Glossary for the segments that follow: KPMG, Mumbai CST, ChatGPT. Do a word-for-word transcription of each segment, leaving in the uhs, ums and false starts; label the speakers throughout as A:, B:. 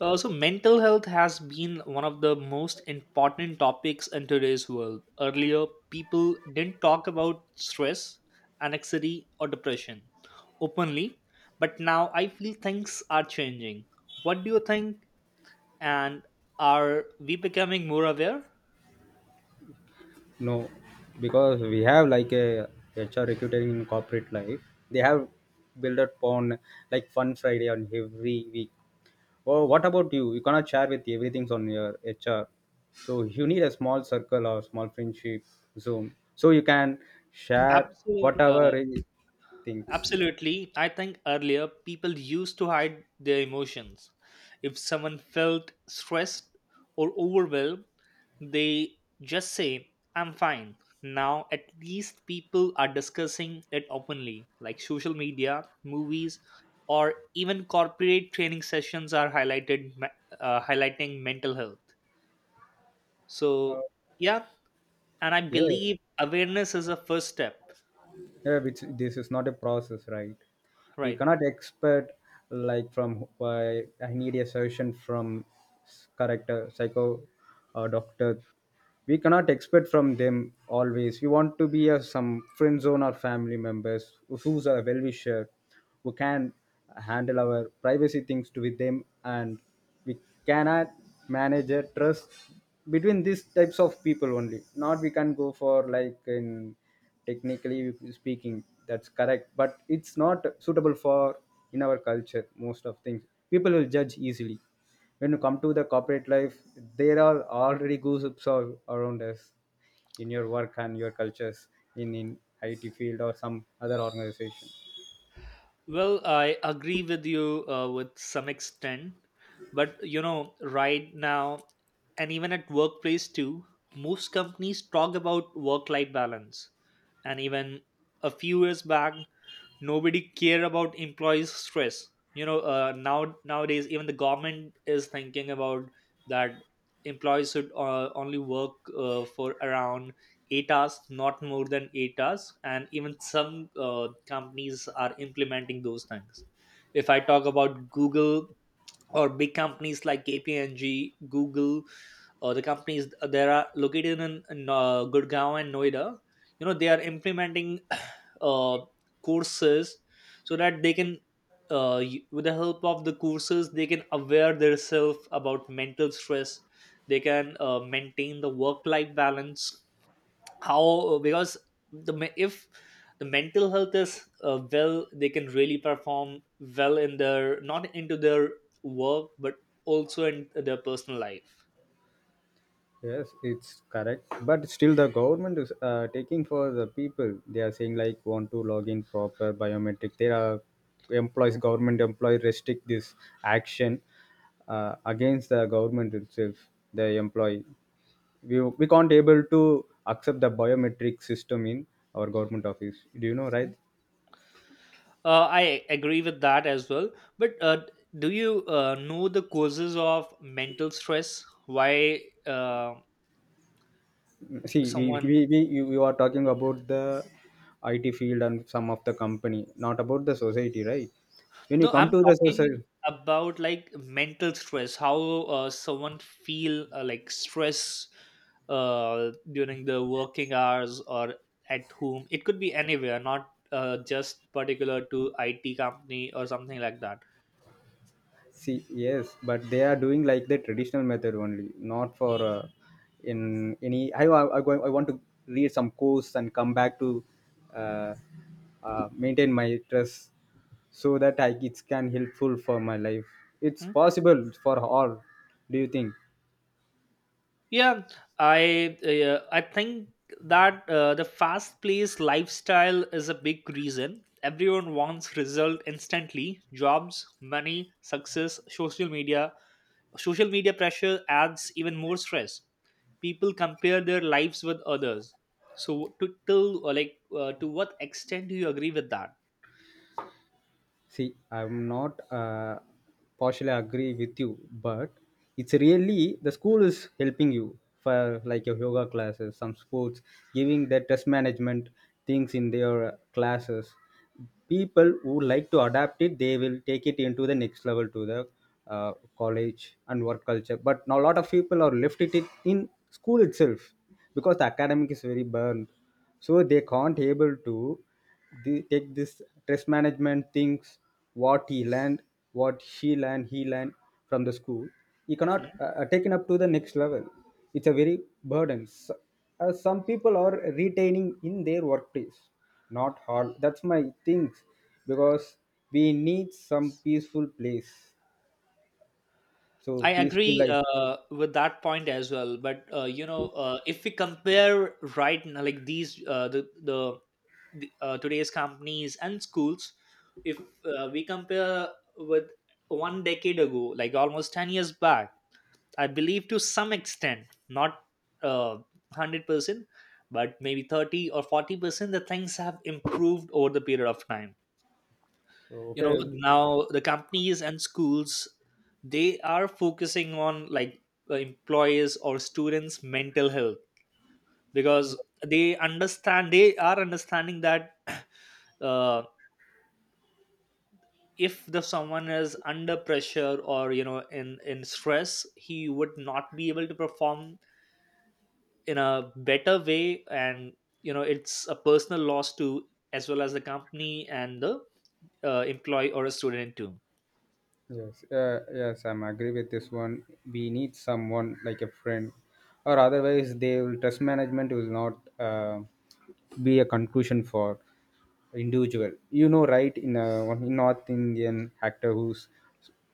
A: Uh, so mental health has been one of the most important topics in today's world. Earlier, people didn't talk about stress, anxiety, or depression openly, but now I feel things are changing. What do you think? And are we becoming more aware?
B: No, because we have like a H R recruiting in corporate life. They have built upon like Fun Friday on every week. Oh, what about you? You cannot share with everything's on your H R. So you need a small circle or small friendship zoom. So you can share
A: Absolutely, uh,
B: whatever it thinks.
A: absolutely. I think earlier people used to hide their emotions. If someone felt stressed or overwhelmed, they just say, I'm fine. Now, at least people are discussing it openly, like social media, movies, or even corporate training sessions are highlighted, uh, highlighting mental health.
B: Uh,
A: So, yeah, and I
B: yeah,
A: believe awareness is a first step,
B: yeah, which this is not a process, right? We
A: right?
B: cannot expect like from why I need a solution from s- correct uh, psycho uh, doctor. We cannot expect from them always. We want to be uh, some friend zone or family members who's a well wisher, who can handle our privacy things to with them and we cannot manage a trust between these types of people only not we can go for like in technically speaking that's correct but it's not suitable for in our culture most of things people will judge easily when you come to the corporate life there are already gossips all around us in your work and your cultures in in I T field or some other organization.
A: Well, I agree with you uh, with some extent, but you know, right now, and even at workplace too, most companies talk about work life balance. And even a few years back, nobody care about employees stress, you know. Uh, now, nowadays even the government is thinking about that employees should uh, only work uh, for around eight hours, not more than eight hours, and even some uh, companies are implementing those things. If I talk about google, or big companies like kpmg, google, or the companies that are located in, in uh, Gurgaon and Noida, you know, they are implementing uh, courses so that they can, uh, y- with the help of the courses, they can aware themselves about mental stress. They can uh, maintain the work-life balance. How uh, because the me- if the mental health is uh, well, they can really perform well in their, not into their work, but also in their personal life.
B: Yes, it's correct. But still, the government is uh, taking for the people. They are saying like want to log in proper biometric. There are employees, government employee restrict this action uh, against the government itself. The employee, we we can't able to accept the biometric system in our government office. Do you know right?
A: Uh, I agree with that as well. But uh, do you uh, know the causes of mental stress? Why uh,
B: See, we
A: someone?
B: we we you, you are talking about the I T field and some of the company, not about the society, right? When you
A: No,
B: come
A: I'm
B: to the
A: talking
B: society.
A: about like mental stress. How uh, someone feel uh, like stress uh, during the working hours or at home. It could be anywhere, not uh, just particular to I T company or something like that.
B: See, yes, but they are doing like the traditional method only, not for uh, in any. I, I, I go- I want to read some course and come back to uh, uh, maintain my trust so that I, it can helpful for my life. It's
A: Hmm?
B: possible for all. Do you think?
A: Yeah, I uh, I think that uh, the fast paced lifestyle is a big reason. Everyone wants result instantly. Jobs, money, success, social media. Social media pressure adds even more stress. People compare their lives with others. So to till uh, like uh, to what extent do you agree with that?
B: See, I'm not uh, partially agree with you, but it's really the school is helping you for like your yoga classes, some sports, giving their test management things in their classes. People who like to adapt it, they will take it into the next level to the uh, college and work culture. But now a lot of people are left it in in school itself because the academic is very burned so they can't able to the, take this stress management things what he learned what she learned he learned from the school he cannot
A: Hmm?
B: uh, uh, taken up to the next level. It's a very burden. S- uh, some people are retaining in their workplace not all that's my things because we need some peaceful place, so
A: I
B: peaceful
A: agree
B: life.
A: uh, with that point as well. But uh, you know, uh, if we compare right now, like these uh, the the the, uh, today's companies and schools, if uh, we compare with one decade ago, like almost ten years back, I believe to some extent, not uh, one hundred percent, but maybe thirty or forty percent the things have improved over the period of time,
B: So
A: you know.
B: okay.
A: Now the companies and schools, they are focusing on like uh, employees or students mental health, because they understand they are understanding that uh, if the someone is under pressure or you know in in stress, he would not be able to perform in a better way, and you know it's a personal loss to, as well as the company and the uh, employee or a student too.
B: Yes, uh, yes, I'm agree with this one. We need someone like a friend, or otherwise, they will trust management will not uh, be a conclusion for individual. You know, right? In a one North Indian actor who's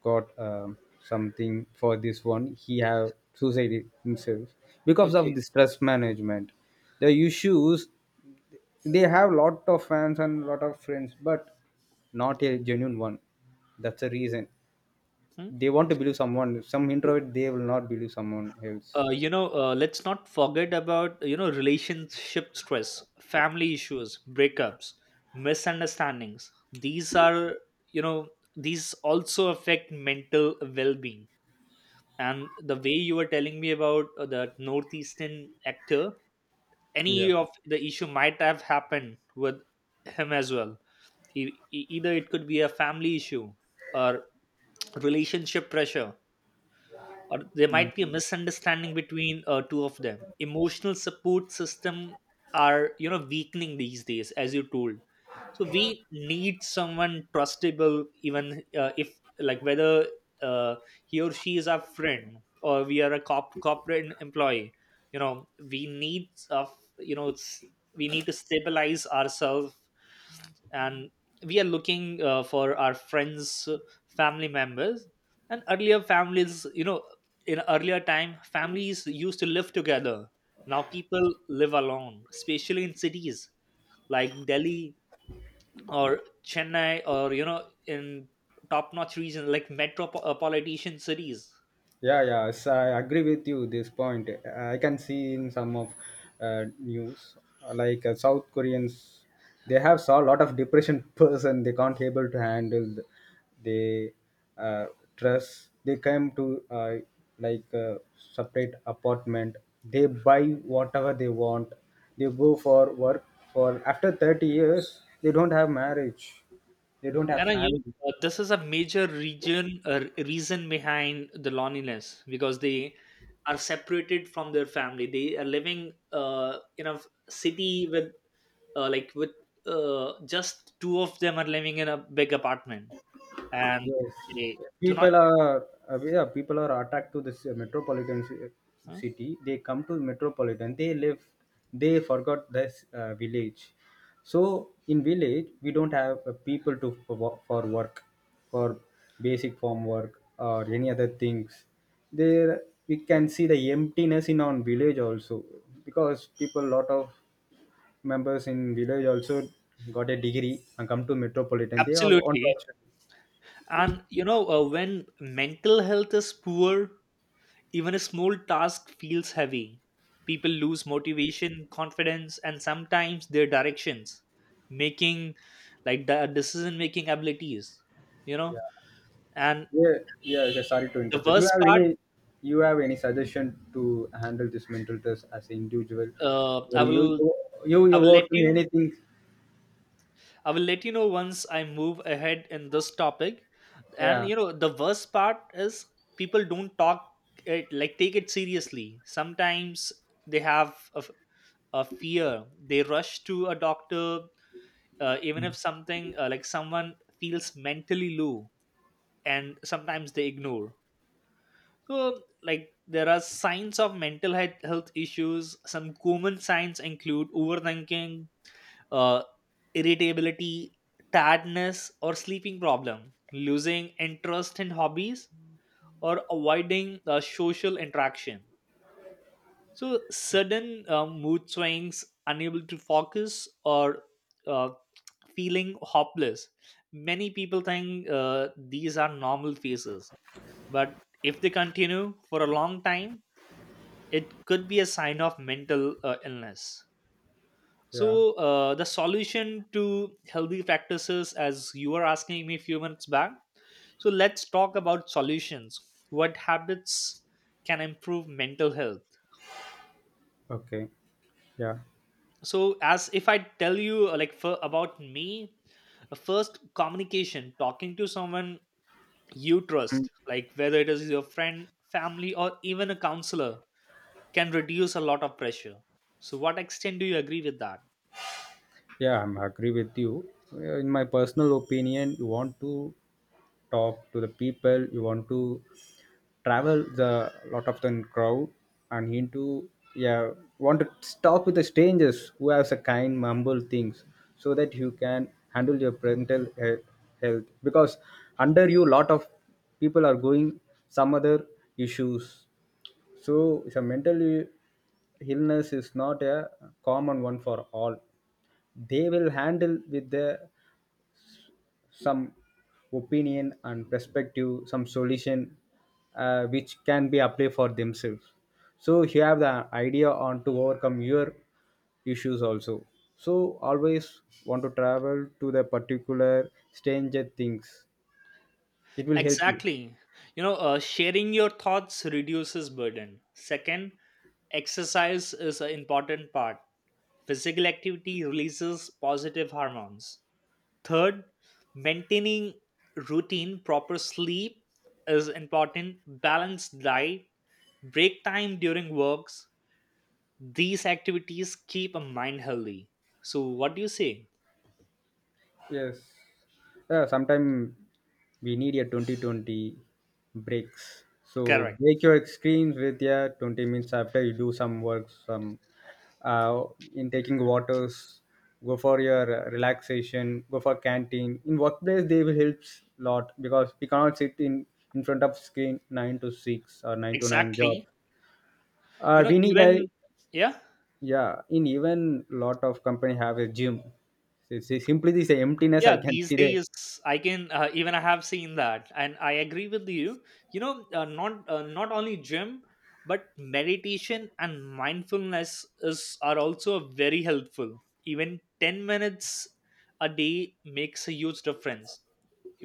B: got um something for this one, he have suicided himself because
A: Okay.
B: of this trust management. The issues, they have lot of fans and lot of friends, but not a genuine one. That's the reason
A: Hmm.
B: they want to believe someone, some introvert they will not believe someone else.
A: Uh, you know, uh, let's not forget about, you know, relationship stress, family issues, breakups, misunderstandings. These are, you know, these also affect mental well-being. And the way you were telling me about uh, the northeastern actor, any
B: Yeah.
A: of the issue might have happened with him as well. E- e- either it could be a family issue, or relationship pressure, or there might be a misunderstanding between uh, two of them. Emotional support system are, you know, weakening these days, as you told. So we need someone trustable, even uh, if like whether uh, he or she is our friend, or we are a cop- corporate employee, you know, we need of, you know s- we need to stabilize ourselves. And we are looking uh, for our friends, uh, family members. And earlier families, you know, in earlier time families used to live together, now people live alone, especially in cities like delhi, or Chennai, or you know in top-notch region like metropolitan cities.
B: Yeah, yeah, so I agree with you this point. I can see in some of uh, news uh, like uh, South Koreans, they have saw a lot of depression person. They can't able to handle. The, they uh, trust. They come to uh, like uh, separate apartment. They buy whatever they want. They go for work for after thirty years. They don't have marriage. They don't have
A: And uh, you
B: family.
A: know, uh, this is a major region uh, reason behind the loneliness, because they are separated from their family. They are living uh, in a f- city with uh, like with uh, just two of them are living in a big apartment, and
B: Yes,
A: they do not.
B: people are uh, yeah, people are attacked to this uh, metropolitan ci-
A: Hmm?
B: city. They come to metropolitan. They live. They forgot this uh, village. So in village, we don't have uh, people to for, wo- for work, for basic form work or any other things. There we can see the emptiness in our village also because people lot of members in village also got a degree and come to metropolitan. They are on to.
A: Absolutely. And you know, uh, when mental health is poor, even a small task feels heavy. People lose motivation, confidence, and sometimes their directions, making like the decision making abilities, you know. And
B: Yeah, yeah, yeah, sorry to
A: the
B: interrupt. You
A: worst
B: have
A: part,
B: any, you have any suggestion to handle this mental test as an individual,
A: uh, I
B: or you,
A: will
B: you,
A: I
B: you
A: will let
B: work me
A: you
B: anything?
A: I will let you know once I move ahead in this topic. And
B: Yeah,
A: you know, the worst part is people don't talk it, like take it seriously. Sometimes they have a, f- a fear. They rush to a doctor uh, even if something uh, like someone feels mentally low, and sometimes they ignore. So like there are signs of mental health health issues. Some common signs include overthinking, uh, irritability, tiredness or sleeping problem, losing interest in hobbies, or avoiding uh, social interaction. So sudden uh, mood swings, unable to focus, or uh, feeling hopeless. Many people think uh, these are normal phases, but if they continue for a long time, it could be a sign of mental uh, illness.
B: yeah.
A: So uh, the solution to healthy practices, as you were asking me a few minutes back, so let's talk about solutions. What habits can improve mental health?
B: Okay, yeah.
A: So as if I tell you uh, like for, about me, uh, first communication, talking to someone you trust, like whether it is your friend, family, or even a counselor, can reduce a lot of pressure. So what extent do you agree with that?
B: Yeah, I'm agree with you. Uh, In my personal opinion, you want to talk to the people, you want to travel the lot of the crowd and into yeah, want to talk with the strangers who has a kind, humble things so that you can handle your mental he- health because under you lot of people are going some other issues. So, so mental illness is not a common one for all. They will handle with the, some opinion and perspective, some solution uh, which can be applied for themselves. So you have the idea on to overcome your issues also. So always want to travel to the particular stranger things. It will help you.
A: Exactly. You know, uh, sharing your thoughts reduces burden. Second, exercise is an important part. Physical activity releases positive hormones. Third, maintaining routine, proper sleep is important, balanced diet, break time during works. These activities keep a mind healthy. So, what do you say?
B: Yes. Yeah, sometime we need a twenty twenty breaks. So
A: Correct.
B: break your screens with yeah twenty minutes after you do some work, some uh, in taking waters, go for your uh, relaxation, go for canteen. In workplace, they will helps lot because we cannot sit in in front of screen nine to six or nine to nine job.
A: Exactly. You
B: Uh,
A: know,
B: we need a
A: even, yeah.
B: yeah. In even lot of company have a gym. It's, it's simply this emptiness
A: Yeah,
B: I can
A: these
B: see there.
A: days I can, uh, even I have seen that and I agree with you. You know, uh, not uh, not only gym, but meditation and mindfulness is are also very helpful. Even ten minutes a day makes a huge difference.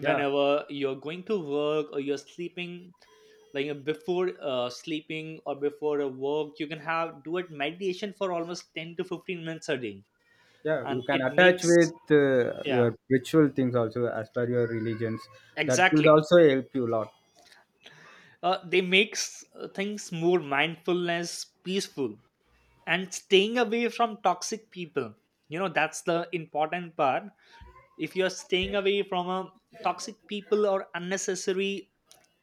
B: Yeah,
A: Whenever you're going to work or you're sleeping, like uh, before uh, sleeping or before a work, you can have do it meditation for almost ten to fifteen minutes a day,
B: yeah, you
A: and
B: can
A: it
B: attach
A: makes,
B: with uh,
A: yeah,
B: your ritual things also as per your religions. That will
A: exactly,
B: also help you a lot.
A: uh, they makes uh, things more mindfulness, peaceful. And staying away from toxic people, you know, that's the important part. If you're staying away from a toxic people or unnecessary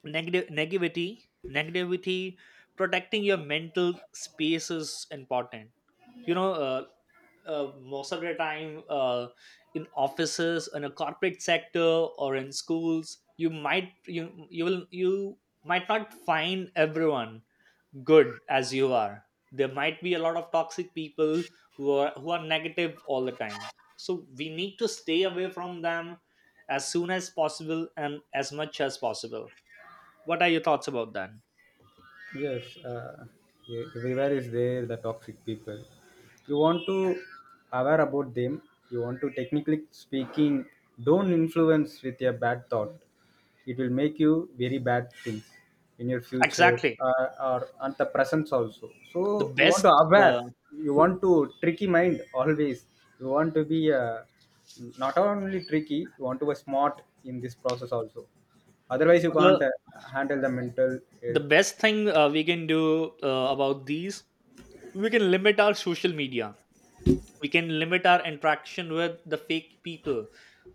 A: negative negativity negativity protecting your mental space is important. You know, uh, uh, most of the time uh, in offices, in a corporate sector or in schools, you might you you will you might not find everyone good as you are. There might be a lot of toxic people who are who are negative all the time. So we need to stay away from them as soon as possible and as much as possible. What are your thoughts about that?
B: Yes, uh, e- everywhere is there the toxic people. You want to aware about them. You want to technically speaking, don't influence with your bad thought. It will make you very bad things in your future
A: Exactly.
B: uh, or at the presence also.
A: the
B: So you want
A: best
B: to
A: uh,
B: aware. You want to tricky mind always. You want to be uh, not only tricky. You want to be smart in this process also otherwise you can't
A: the
B: uh, handle the mental
A: the
B: health.
A: best thing uh, we can do uh, about these, we can limit our social media, we can limit our interaction with the fake people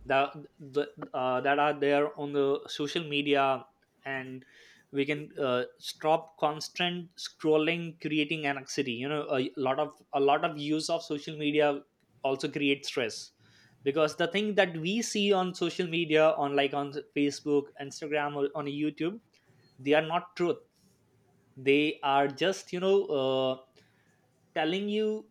A: that the, uh, that are there on the social media. And we can uh, stop constant scrolling creating anxiety. You know, a lot of a lot of use of social media also creates stress, because the thing that we see on social media, on like on facebook, instagram, or on youtube, they are not truth. They are just, you know, uh, telling you.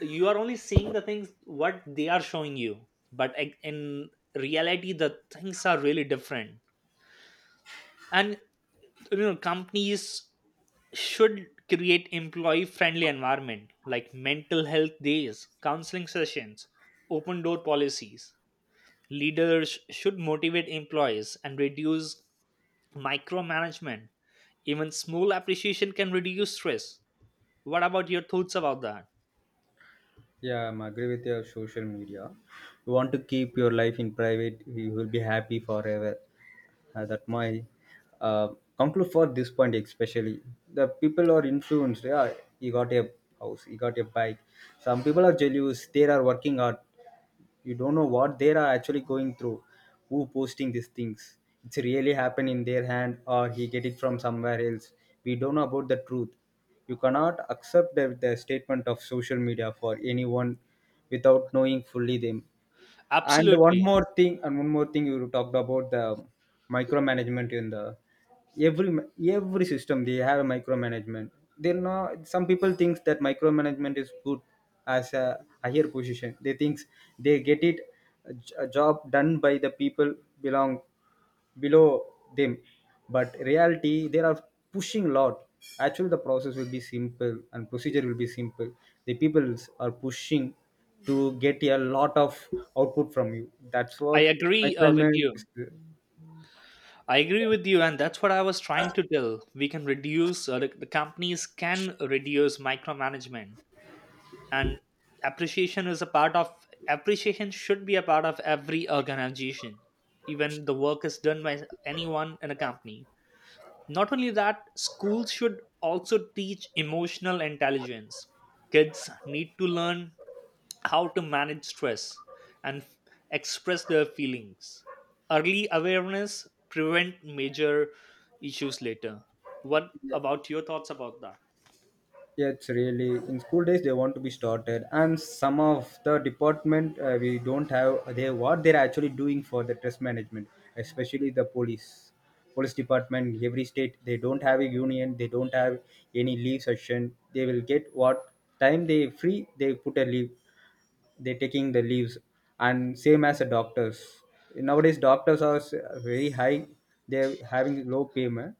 A: You are only seeing the things what they are showing you, but ac- in reality the things are really different. And you know, companies should create employee friendly environment, like mental health days, counseling sessions, open door policies. Leaders should motivate employees and reduce micromanagement. Even small appreciation can reduce stress. What about your thoughts about that?
B: Yeah, I'm agree with your social media. You want to keep your life in private, you will be happy forever. Uh, that my uh, conclude for this point especially. The people are influenced. Yeah, he got a house, he got a bike. Some people are jealous. They are working hard. You don't know what they are actually going through, who posting these things. It's really happen in their hand or he get it from somewhere else. We don't know about the truth. You cannot accept the, the statement of social media for anyone without knowing fully them. And one
A: Absolutely.
B: more thing, and one more thing, you talked about the micromanagement in the every every system they have a micromanagement. They know some people thinks that micromanagement is good as a higher position. They thinks they get it a j- a job done by the people belong below them, but reality they are pushing lot. Actually the process will be simple and procedure will be simple, the people are pushing to get a lot of output from you, that's
A: I
B: what
A: agree uh, with
B: micromanagement
A: you.
B: is.
A: I agree with you, and that's what I was trying to tell. We can reduce, uh, the, the companies can reduce micromanagement, and appreciation is a part of, appreciation should be a part of every organization, even the work is done by anyone in a company. Not only that, schools should also teach emotional intelligence. Kids need to learn how to manage stress and f- express their feelings. Early awareness prevent major issues later. What about your thoughts about that?
B: Yeah, it's really in school days they want to be started, and some of the department uh, we don't have they what they're actually doing for the stress management, especially the police, police department. Every state they don't have a union, they don't have any leave session. They will get what time they free, they put a leave. They're taking the leaves, and same as the doctors. Nowadays doctors are s- very high. They're having low payment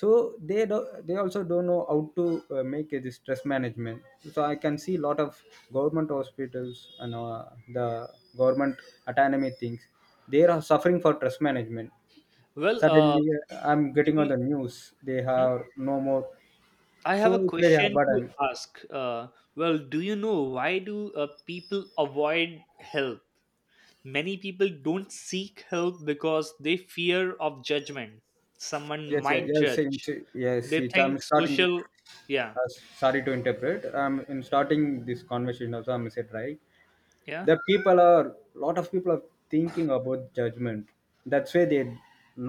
B: so they do, they also don't know how to uh, make uh, this stress management. So I can see a lot of government hospitals and uh, the government autonomy things, they are suffering for stress management.
A: Well, uh,
B: Suddenly uh, I'm
A: do
B: getting on
A: we?
B: the news they
A: Hmm?
B: have no more,
A: I
B: so
A: have a
B: it's very hard
A: question to
B: burden.
A: ask. Uh, well, do you know why do uh, people avoid help? Many people don't seek help because they fear of judgment. Someone
B: yes yes
A: might
B: yes,
A: judge.
B: yes, yes
A: They
B: it, I'm
A: think
B: starting
A: social.
B: with-
A: Yeah,
B: uh, sorry to interpret, I'm in starting this conversation also I'm said right,
A: yeah,
B: the people are lot of people are thinking about judgment. That's why they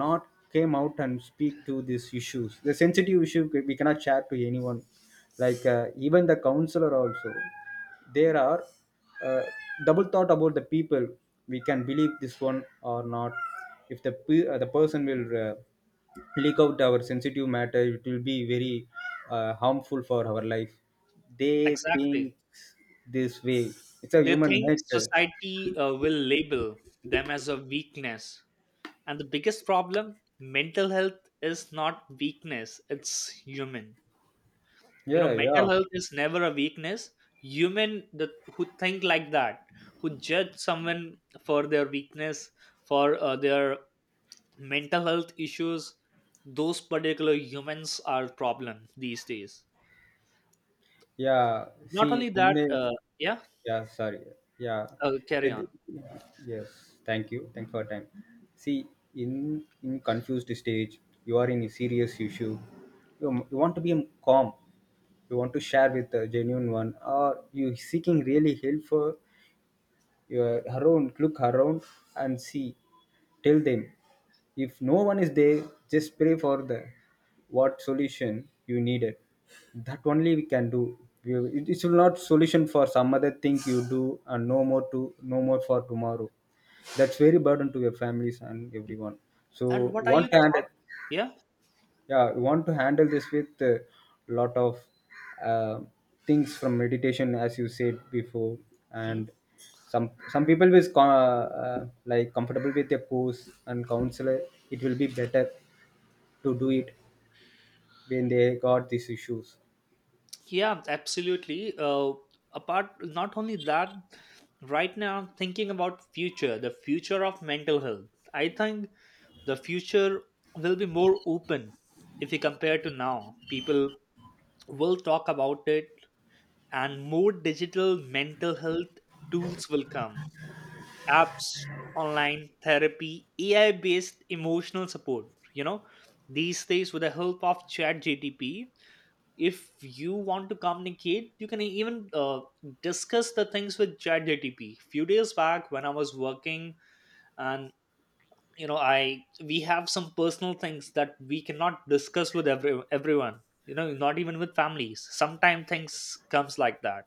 B: not came out and speak to these issues. The sensitive issue we cannot share to anyone like uh, even the counselor also. There are uh, double thought about the people. We can believe this one or not. If the pe- uh, the person will uh, leak out our sensitive matter, it will be very uh, harmful for our life, they
A: exactly.
B: think this way. It's a
A: They
B: human
A: think
B: nature.
A: society uh, will label them as a weakness. And the biggest problem, mental health is not weakness, it's human. You know,
B: Yeah,
A: mental
B: yeah,
A: health is never a weakness. Human that, who think like that, who judge someone for their weakness, for uh, their mental health issues, those particular humans are problem these days.
B: yeah.
A: Not
B: See,
A: only
B: in
A: that,
B: the
A: uh, yeah,
B: yeah, sorry, yeah,
A: uh, carry on.
B: It- yes. Thank you. Thanks for your time. See, in in confused stage, you are in a serious issue. You, you want to be calm. You want to share with a genuine one, or you seeking really help for, you're around look around and see tell them. If no one is there just pray for the what solution you needed, that only we can do. You- it, it will not solution for some other thing you do and no more to no more for tomorrow, that's very burden to your families and everyone. So
A: And what are
B: one
A: your
B: hand
A: thoughts? Yeah.
B: yeah we want to handle this with a lot of uh, things from meditation as you said before.
A: Hmm?
B: And some some people is co- uh, like comfortable with a course and counselor. It will be better to do it when they got these issues.
A: Yeah, absolutely. Uh, apart, not only that, right now I'm thinking about future, the future of mental health. I think the future will be more open if you compare to now. People will talk about it, and more digital mental health tools will come. Apps, online therapy, A I-based emotional support. You know, these days with the help of ChatGTP, if you want to communicate you can even uh, discuss the things with chatgtp. Few days back when I was working, and you know I we have some personal things that we cannot discuss with every, everyone. You know, not even with families, sometimes things comes like that.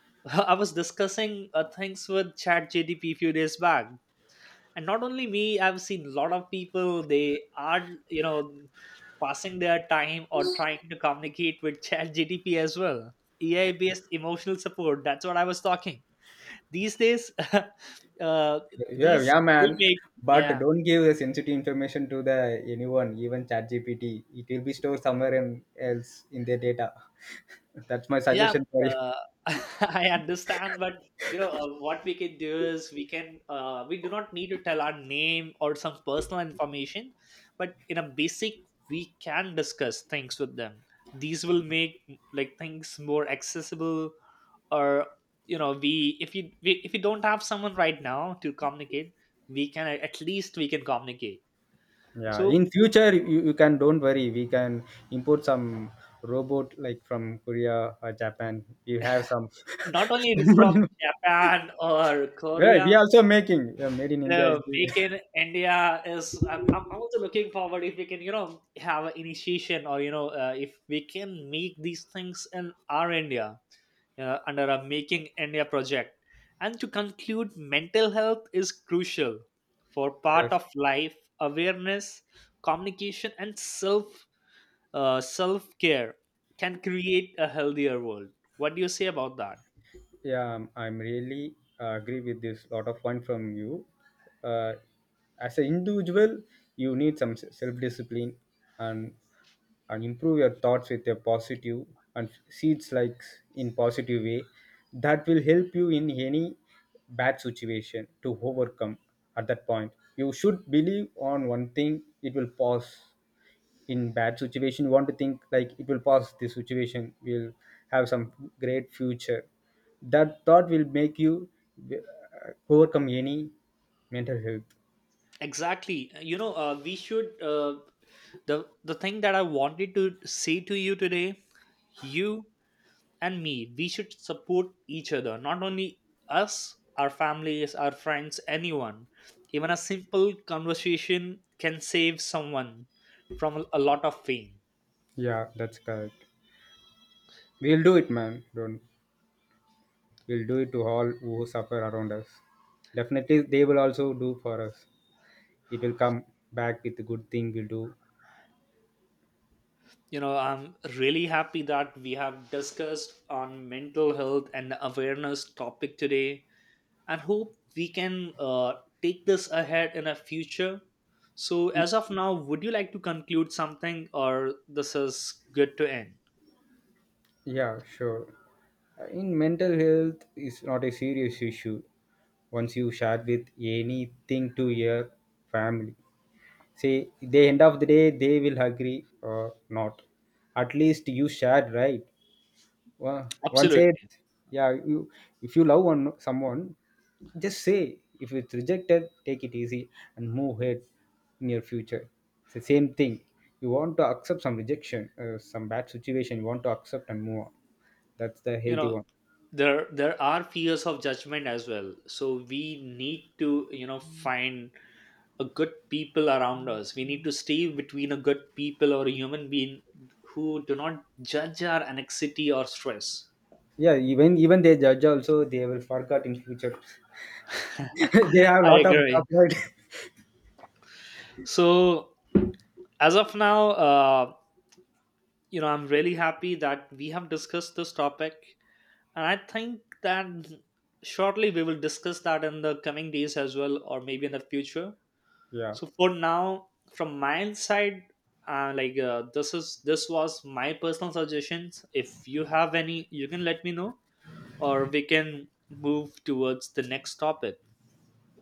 A: I was discussing uh, things with chatgtp few days back, and not only me, I've seen a lot of people, they are, you know, passing their time or trying to communicate with chat gdp as well. Ai based emotional support, that's what I was talking these days. uh,
B: Yeah,
A: these
B: yeah man.
A: will make.
B: But
A: Yeah.
B: don't give the sensitive information to the anyone even ChatGPT, it will be stored somewhere in, else in their data. That's my
A: Yeah,
B: suggestion for you.
A: uh, I understand, but you know, uh, what we can do is we can uh, we do not need to tell our name or some personal information, but in a basic we can discuss things with them. These will make like things more accessible, or you know we if you we, if you don't have someone right now to communicate, we can uh, at least we can communicate.
B: Yeah,
A: So
B: in future you, you can don't worry. We can import some robot like from Korea or Japan. We have some.
A: not only from Japan or
B: Yeah,
A: Korea.
B: we also making yeah, made in
A: You
B: India is
A: know,
B: there.
A: make in India is. I'm, I'm also looking forward if we can, you know, have an initiation or you know, uh, if we can make these things in our India uh, under a Making India project. And to conclude, mental health is crucial for part
B: Yes.
A: of life. Awareness, communication, and self uh, self care can create a healthier world. What do you say about that?
B: Yeah, I'm, I'm really uh, agree with this lot of point from you. Uh, as an individual, you need some self discipline and and improve your thoughts with a positive and seeds like in positive way. That will help you in any bad situation to overcome. At that point, you should believe on one thing; it will pass. In bad situation you want to think like it will pass, this situation will have some great future. That thought will make you uh, overcome any mental health.
A: Exactly. You know, uh, we should. Uh, the the thing that I wanted to say to you today, you and me, we should support each other. Not only us, our families, our friends, anyone. Even a simple conversation can save someone from a lot of pain.
B: Yeah, that's correct, we'll do it man don't, we'll do it to all who suffer around us, definitely they will also do for us. It will come back with the good thing we'll do.
A: You know, I'm really happy that we have discussed on mental health and awareness topic today, and hope we can uh, take this ahead in a future. So, as of now, would you like to conclude something, or this is good to end?
B: Yeah, sure. In mental health is not a serious issue once you share with anything to your family. Say the end of the day they will agree or not. At least you shared right. Wa- one said
A: Absolutely.
B: yeah you, if you love one someone just say, if it's rejected take it easy and move ahead in your future. It's the same thing, you want to accept some rejection uh, some bad situation you want to accept and move on, that's the
A: You
B: healthy
A: know,
B: one.
A: there there are fears of judgment as well. So we need to, you know, find a good people around us. We need to stay between a good people or a human being who do not judge our anxiety or stress.
B: Yeah, even even they judge also they will forget in future. They have a
A: I
B: lot of job
A: agree.
B: right.
A: So as of now, uh, you know, I'm really happy that we have discussed this topic, and I think that shortly we will discuss that in the coming days as well, or maybe in the future.
B: Yeah,
A: So for now, from my side, uh, like uh, this is this was my personal suggestions. If you have any, you can let me know, or we can move towards the next topic.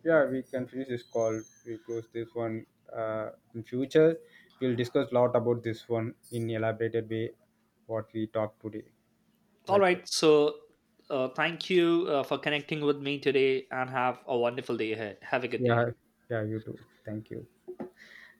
B: yeah we can finish this call, we'll close this one. Uh, in future we'll discuss a lot about this one in elaborated way, what we talked today,
A: All
B: like that.
A: right. So uh, thank you uh, for connecting with me today, and have a wonderful day ahead. Have a good
B: Yeah,
A: day.
B: yeah you too, thank you.